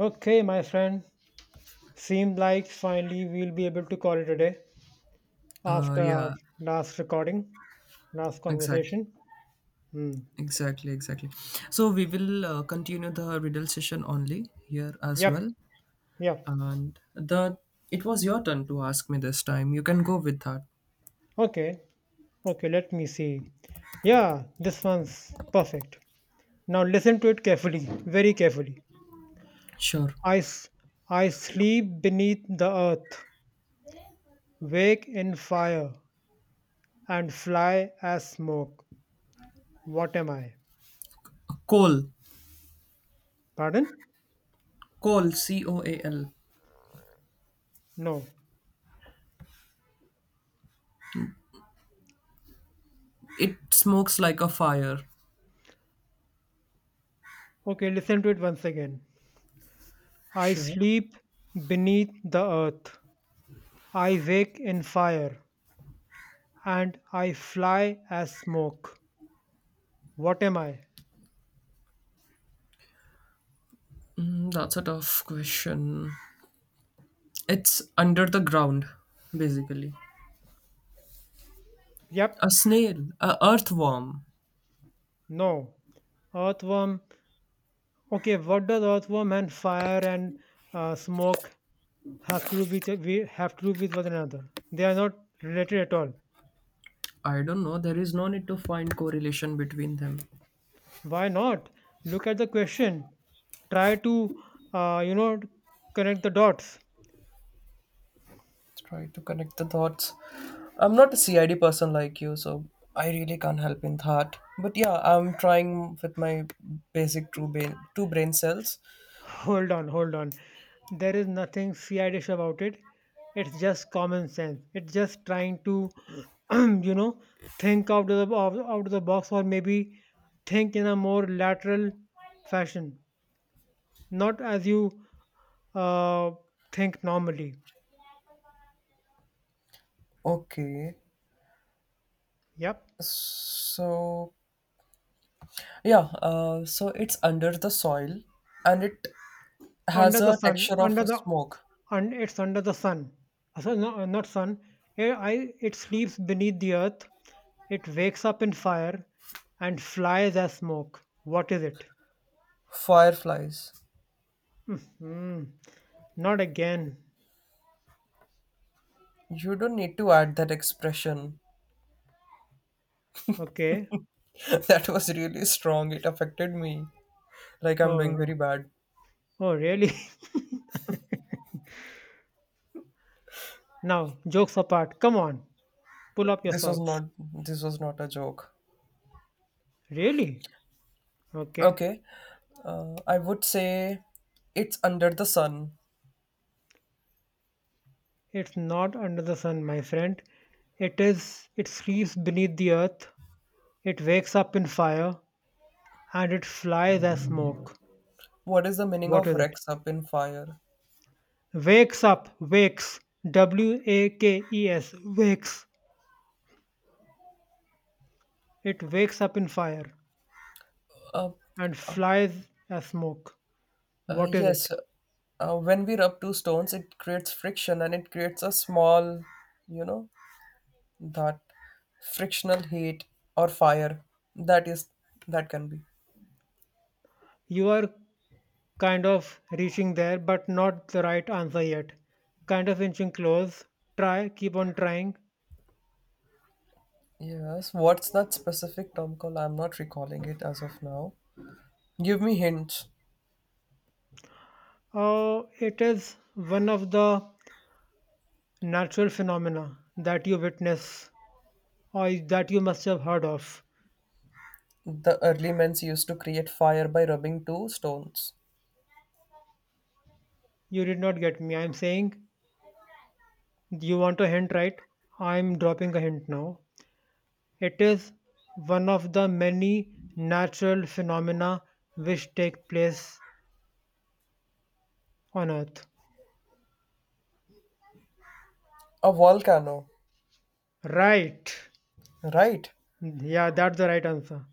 Okay, my friend. Seems like finally we'll be able to call it a day Uh, after our yeah, last recording, last exactly, conversation. Hmm. exactly, exactly. So we will continue the riddle session only here as well. Yep. Yep. And the it was your turn to ask me this time. You can go with that. Okay. Okay, let me see. Yeah, this one's perfect. Now listen to it carefully, very carefully. Sure. I, s- I sleep beneath the earth, wake in fire, and fly as smoke. What am I? Coal, Pardon? coal, C O A L. No. It smokes like a fire. Okay, listen to it once again. I Sure. sleep beneath the earth. I wake in fire. And I fly as smoke. What am I? Mm, that's a tough question. It's under the ground, basically. Yep, A snail, a earthworm. no. Earthworm. Okay, what does earthworm and fire and smoke have to do with we have to do with one another? They are not related at all. I don't know. There is no need to find correlation between them. Why not? Look at the question. Try to uh, you know connect the dots. Try to connect the dots. I'm not a CID person like you, so I really can't help in that. But yeah, I'm trying with my basic two brain cells. Hold on, hold on. There is nothing fiendish about it. It's just common sense. It's just trying to, you know, think out of the box, or maybe think in a more lateral fashion, not as you uh, think normally. Okay, Yep. so yeah, so it's under the soil, and it Under has the a sun, texture of under a the, smoke. and it's under the sun. So no, not sun. It sleeps beneath the earth. It wakes up in fire, and flies as smoke. What is it? Fireflies. Hmm. Not again. You don't need to add that expression. Okay. That was really strong. It affected me. Like I'm Oh, doing very no. bad. Oh, really? Now, jokes apart. Come on, pull up your socks. This was not a joke. Really? Okay. Okay. I would say it's under the sun. It's not under the sun, my friend. It is. It sleeps beneath the earth. It wakes up in fire, and it flies as smoke. What is the meaning What of is it? Rex up in fire? Wakes up, wakes. W A K E S, wakes. It wakes up in fire Uh, and flies as smoke. uh, What is it? yes, uh, when we rub two stones, it creates friction and it creates a small, you know, that frictional heat or fire. That is, that can be. You are kind of reaching there, but not the right answer yet. Kind of inching close. Try, keep on trying. Yes, what's that specific term called? I'm not recalling it as of now. Give me hints. Oh, it is one of the natural phenomena that you witness or that you must have heard of. The early men used to create fire by rubbing two stones. You did not get me. I'm saying. You want a hint, right? I'm dropping a hint now. It is one of the many natural phenomena which take place on Earth. A volcano, Right. right? Yeah, that's the right answer.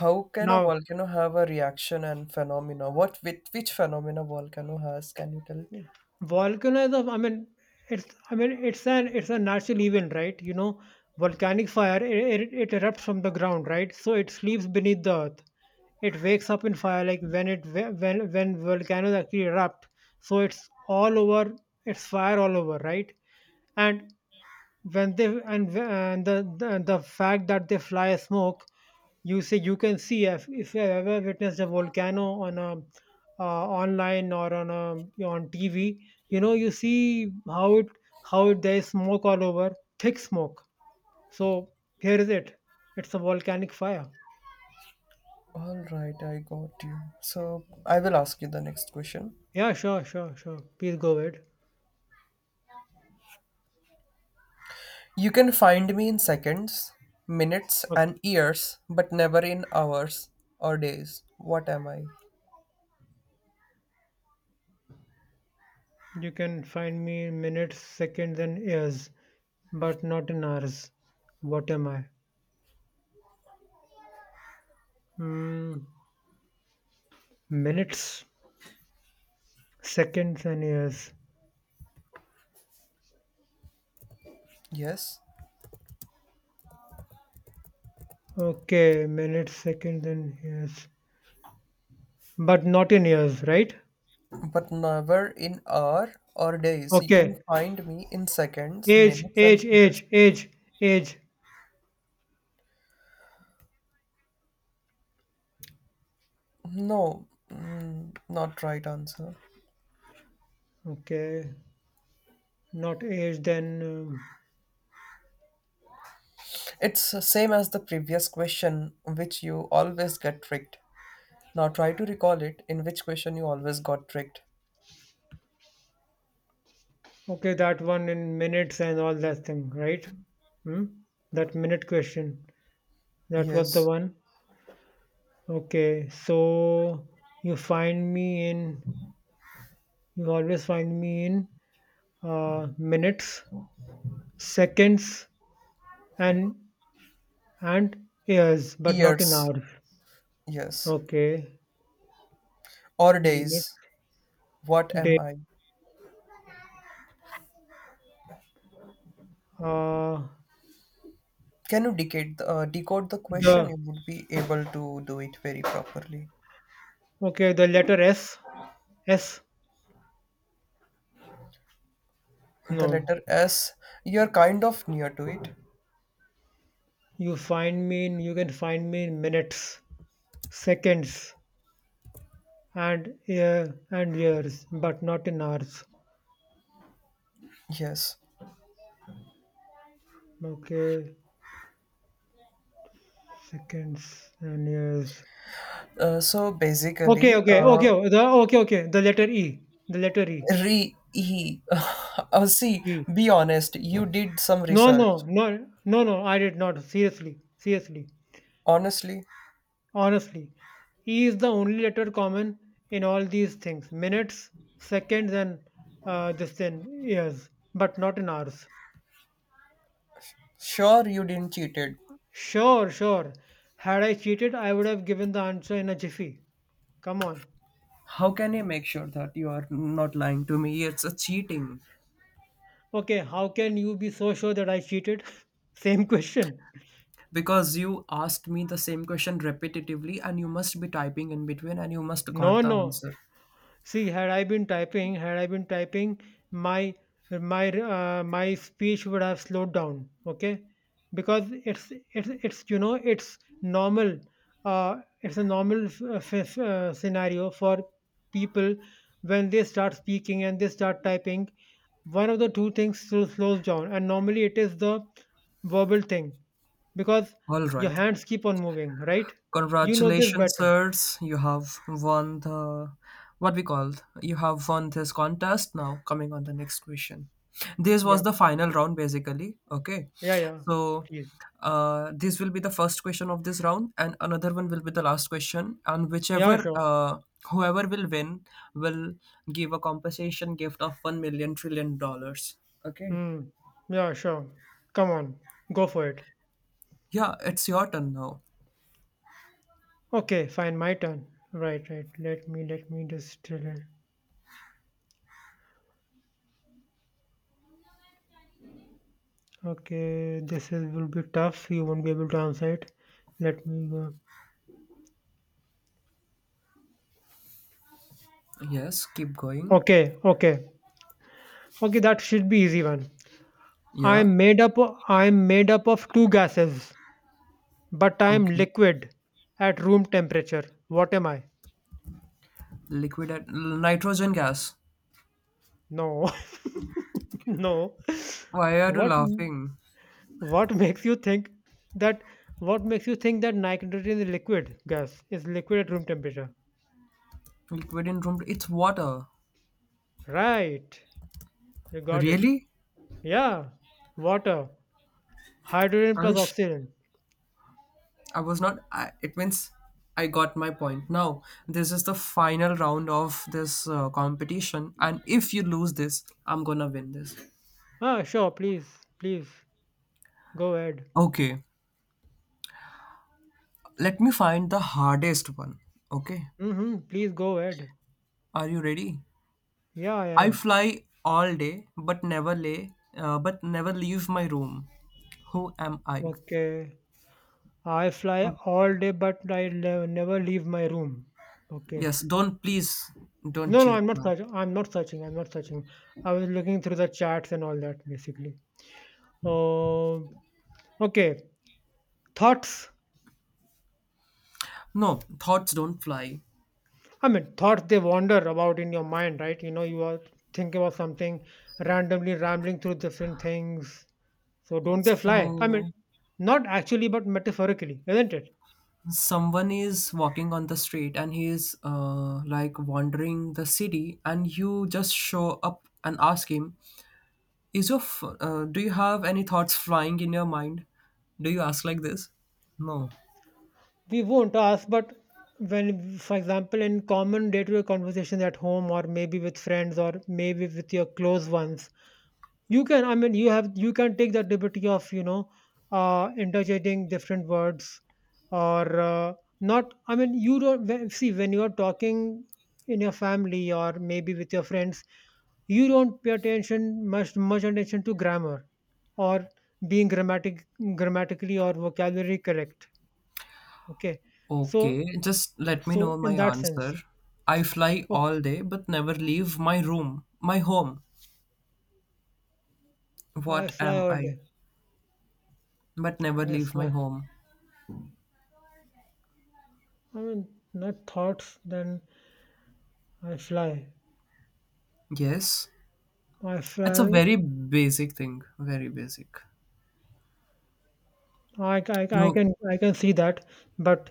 How can a Now, volcano have a reaction and phenomena? What with which phenomena volcano has? Can you tell me? volcano is a, I mean, it's, I mean, it's a natural event, right? You know, volcanic fire, it erupts from the ground, right? So it sleeps beneath the earth. It wakes up in fire, like when it when volcanoes actually erupt. So it's all over. It's fire all over, right? and when they and, wh- and the, the fact that they fly a smoke, you say you can see, if, you have ever witnessed a volcano on a online or on TV, you see there is smoke all over, thick smoke. So here is it. It's a volcanic fire. All right, I got you. So I will ask you the next question. Yeah, sure, sure, sure. Please go ahead. You can find me in seconds, minutes, Okay. and years, but never in hours or days. What am I? You can find me in minutes, seconds, and years, but not in hours. What am I? Mm, Minutes, seconds, and years. Yes, Okay, minutes, seconds, and years, but not in years, right? but never in hour or days. You can Okay, find me in seconds, age, minutes, age, and age, years. age, age. No, mm, not right answer. Okay, not age, then It's the same as the previous question, which you always get tricked. Now try to recall it in which question you always got tricked. okay, that one in minutes and all that thing, right? Hmm? That minute question, that was the Yes. one. Okay, so you find me in, you always find me in minutes, seconds, and and years, but not in Years. hours. Yes. Okay. Or Minute, days. What am day, I? uh, Can you decode the question? the You would be able to do it very properly. okay, the letter S, S, The no. letter S, you're kind of near to it. You can find me in minutes, seconds, and years, but not in hours. Yes. Okay, seconds and years. Uh, so Okay, basically, uh, okay, okay, the letter E, re e. See, E. be honest. You did some No, research. no, no, no, no. I did not. Seriously, seriously. Honestly. Honestly, E is the only letter common in all these things, minutes, seconds, and this then years, but not in hours. Sure, you didn't cheated. Sure, sure. Had I cheated, I would have given the answer in a jiffy. Come on. How can I make sure that you are not lying to me? It's a cheating Okay, how can you be so sure that I cheated? Same question. because you asked me the same question repetitively, and you must be typing in between, and you must No, got the no. answer. See, had I been typing, my my speech would have slowed down. Okay, because it's you know it's normal. It's a normal scenario for people when they start speaking and they start typing. One of the two things slows down, and normally it is the verbal thing because All your right. hands keep on moving, right? You know this Congratulations, better. sirs. You have won the what we called. You have won this contest. Now, coming on the next question. This Yeah, was the final round, basically. Okay, yeah, yeah. so Please, this will be the first question of this round, and another one will be the last question. And yeah, whichever sure. Whoever will win will give a compensation gift of one million trillion dollars. Okay. Hmm. Yeah, sure. Come on, go for it. Yeah, it's your turn now. Okay, fine, my turn. Right, right. Let me just tell it. Okay, this is will be tough. You won't be able to answer it. Let me go. Yes, keep going. Okay, okay. Okay, that should be easy one. Yeah. I'm made up o- I'm made up of two gases, but I'm Okay. liquid at room temperature. What am I? Liquid at nitrogen gas. No. No. Why are you What laughing? What makes you think that nitrogen is liquid gas is liquid at room temperature? Liquid in room. It's water. Right. You got it. Really? Yeah. Water. Hydrogen I plus wish oxygen. I was not. I, it means I got my point. Now, this is the final round of this competition, and if you lose this, I'm gonna win this. Ah, sure, please. Please. Go ahead. Okay, let me find the hardest one. Okay, Mm-hmm. Please go ahead. are you ready? Yeah, I I am. fly all day, but never lay, but never leave my room. Who am I? Okay. I fly all day, but never leave my room. Okay. Yes, don't, please don't No, no, cheat I'm not now. searching. I'm not searching. I'm not searching. I was looking through the charts and all that, basically. Oh, okay. Thoughts, No, thoughts don't fly. I mean thoughts, they wander about in your mind, right? You know, you are thinking about something, randomly rambling through different things, so don't they fly? I mean, So not actually, but metaphorically, isn't it? someone is walking on the street and he is like wandering the city, and you just show up and ask him, "Is your do you have any thoughts flying in your mind?" Do you ask like this? No. We won't ask, but when, for example, in common day-to-day conversations at home or maybe with friends or maybe with your close ones, you can, I mean, you have, you can take that liberty of, interjecting different words, or not, I mean, you don't, see, when you're talking in your family or maybe with your friends, you don't pay attention much much attention to grammar or being grammatically or vocabulary correct. Okay. so Okay, just let me so know my in that sense, answer. I fly oh, all day but never leave my room, my home. I What fly am all I? day, But never I leave my fly, home. I mean, not thoughts then. I fly. Yes, I it's a fly. very basic thing, very basic. I, I, I You can I can see that, but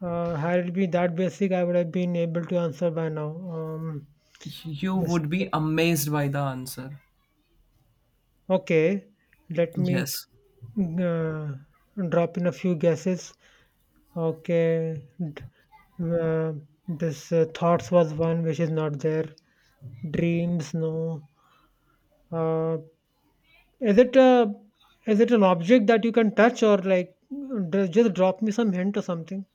had it been that basic, I would have been able to answer by now. You this, would be amazed by the answer. okay, let me Yes. uh, drop in a few guesses. Okay, d- uh, this thoughts was one which is not there. Dreams, no. Uh, is it a is it an object that you can touch, or like just drop me some hint or something?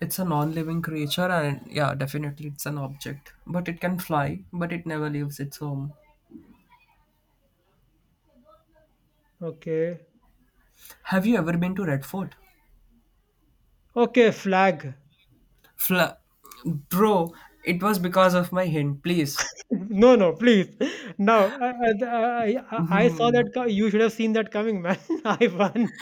It's a non-living creature and yeah, definitely it's an object, but it can fly, but it never leaves its home. Okay, Have you ever been to Red Fort? okay, flag. Fla- Bro, it was because of my hint, please. No, no, please. Now, I saw that Hmm. You should have seen that coming, man. I won.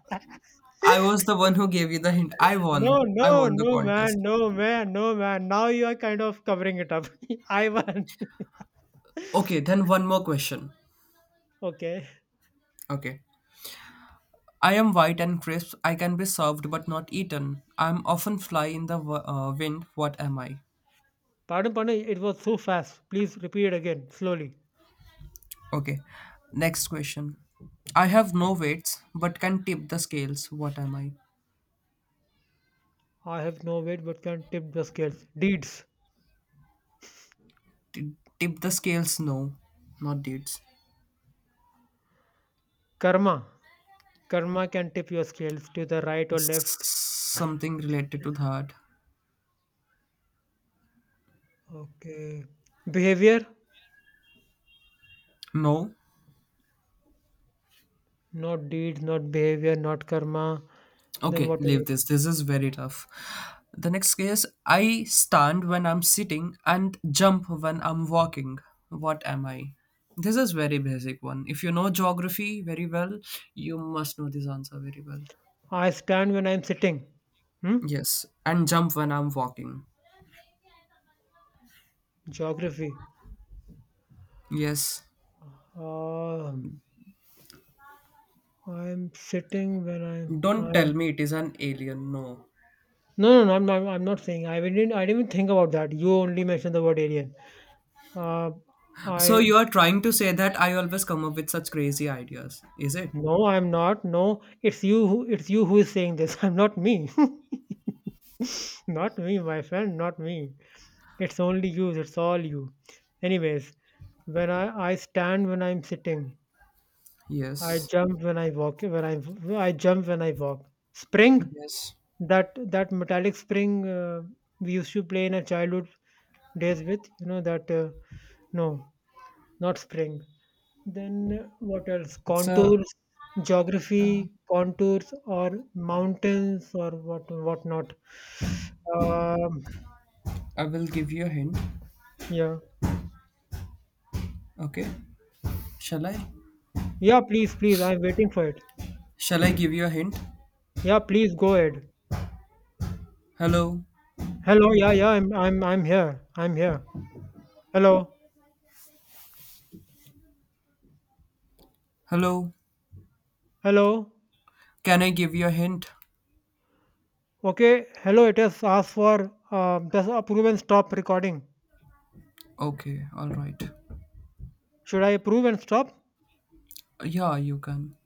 I was the one who gave you the hint. I No, won. I no, won the no, man. contest. No, man. No, man. Now you are kind of covering it up. I won. Okay, then one more question. Okay. Okay. I am white and crisp. I can be served but not eaten. I am often fly in the wind. What am I? Pardon, pardon. It was so fast. Please repeat it again slowly. Okay. Next question. I have no weights but can tip the scales. What am I? I have no weight but can tip the scales. Deeds. T- tip the scales? No, not dates. Karma. Karma can tip your scales to the right or left. Something related to that. Okay. Behavior. No. Not deeds, not behavior, not karma. Then Okay, what is leave it? this. This is very tough. The next case I stand when I'm sitting and jump when I'm walking. What am I? This is very basic one. If you know geography very well, you must know this answer very well. I stand when I'm sitting. Hmm? Yes, and jump when I'm walking. Geography. Yes. Um, I'm sitting when I'm. Don't tell I'm me it is an alien. No. No, no, no. I'm not. I'm not saying. I didn't. I didn't even think about that. You only mentioned the word alien. Uh, So I you are trying to say that I always come up with such crazy ideas, is it? No, I'm not. No, it's you who is saying this. I'm not me. Not me, my friend, not me. It's only you, it's all you. Anyways, when I stand when I'm sitting, I Yes. jump when I walk, when I jump when I walk. Spring, Yes. that metallic spring we used to play in our childhood days with, you know that no, not spring. Then what else? It's a. Contours, Uh, geography, contours, or mountains, or what not. Um, I will give you a hint. yeah, Okay. Shall I? yeah. Please, please. I'm waiting for it. Shall I give you a hint? Yeah, please go ahead. Hello? Hello. Yeah, yeah. I'm here. I'm here. Hello. Hello? Hello. Can I give you a hint? Okay. Hello. It has asked for does approve and stop recording. Okay, alright. Should I approve and stop? Yeah, you can.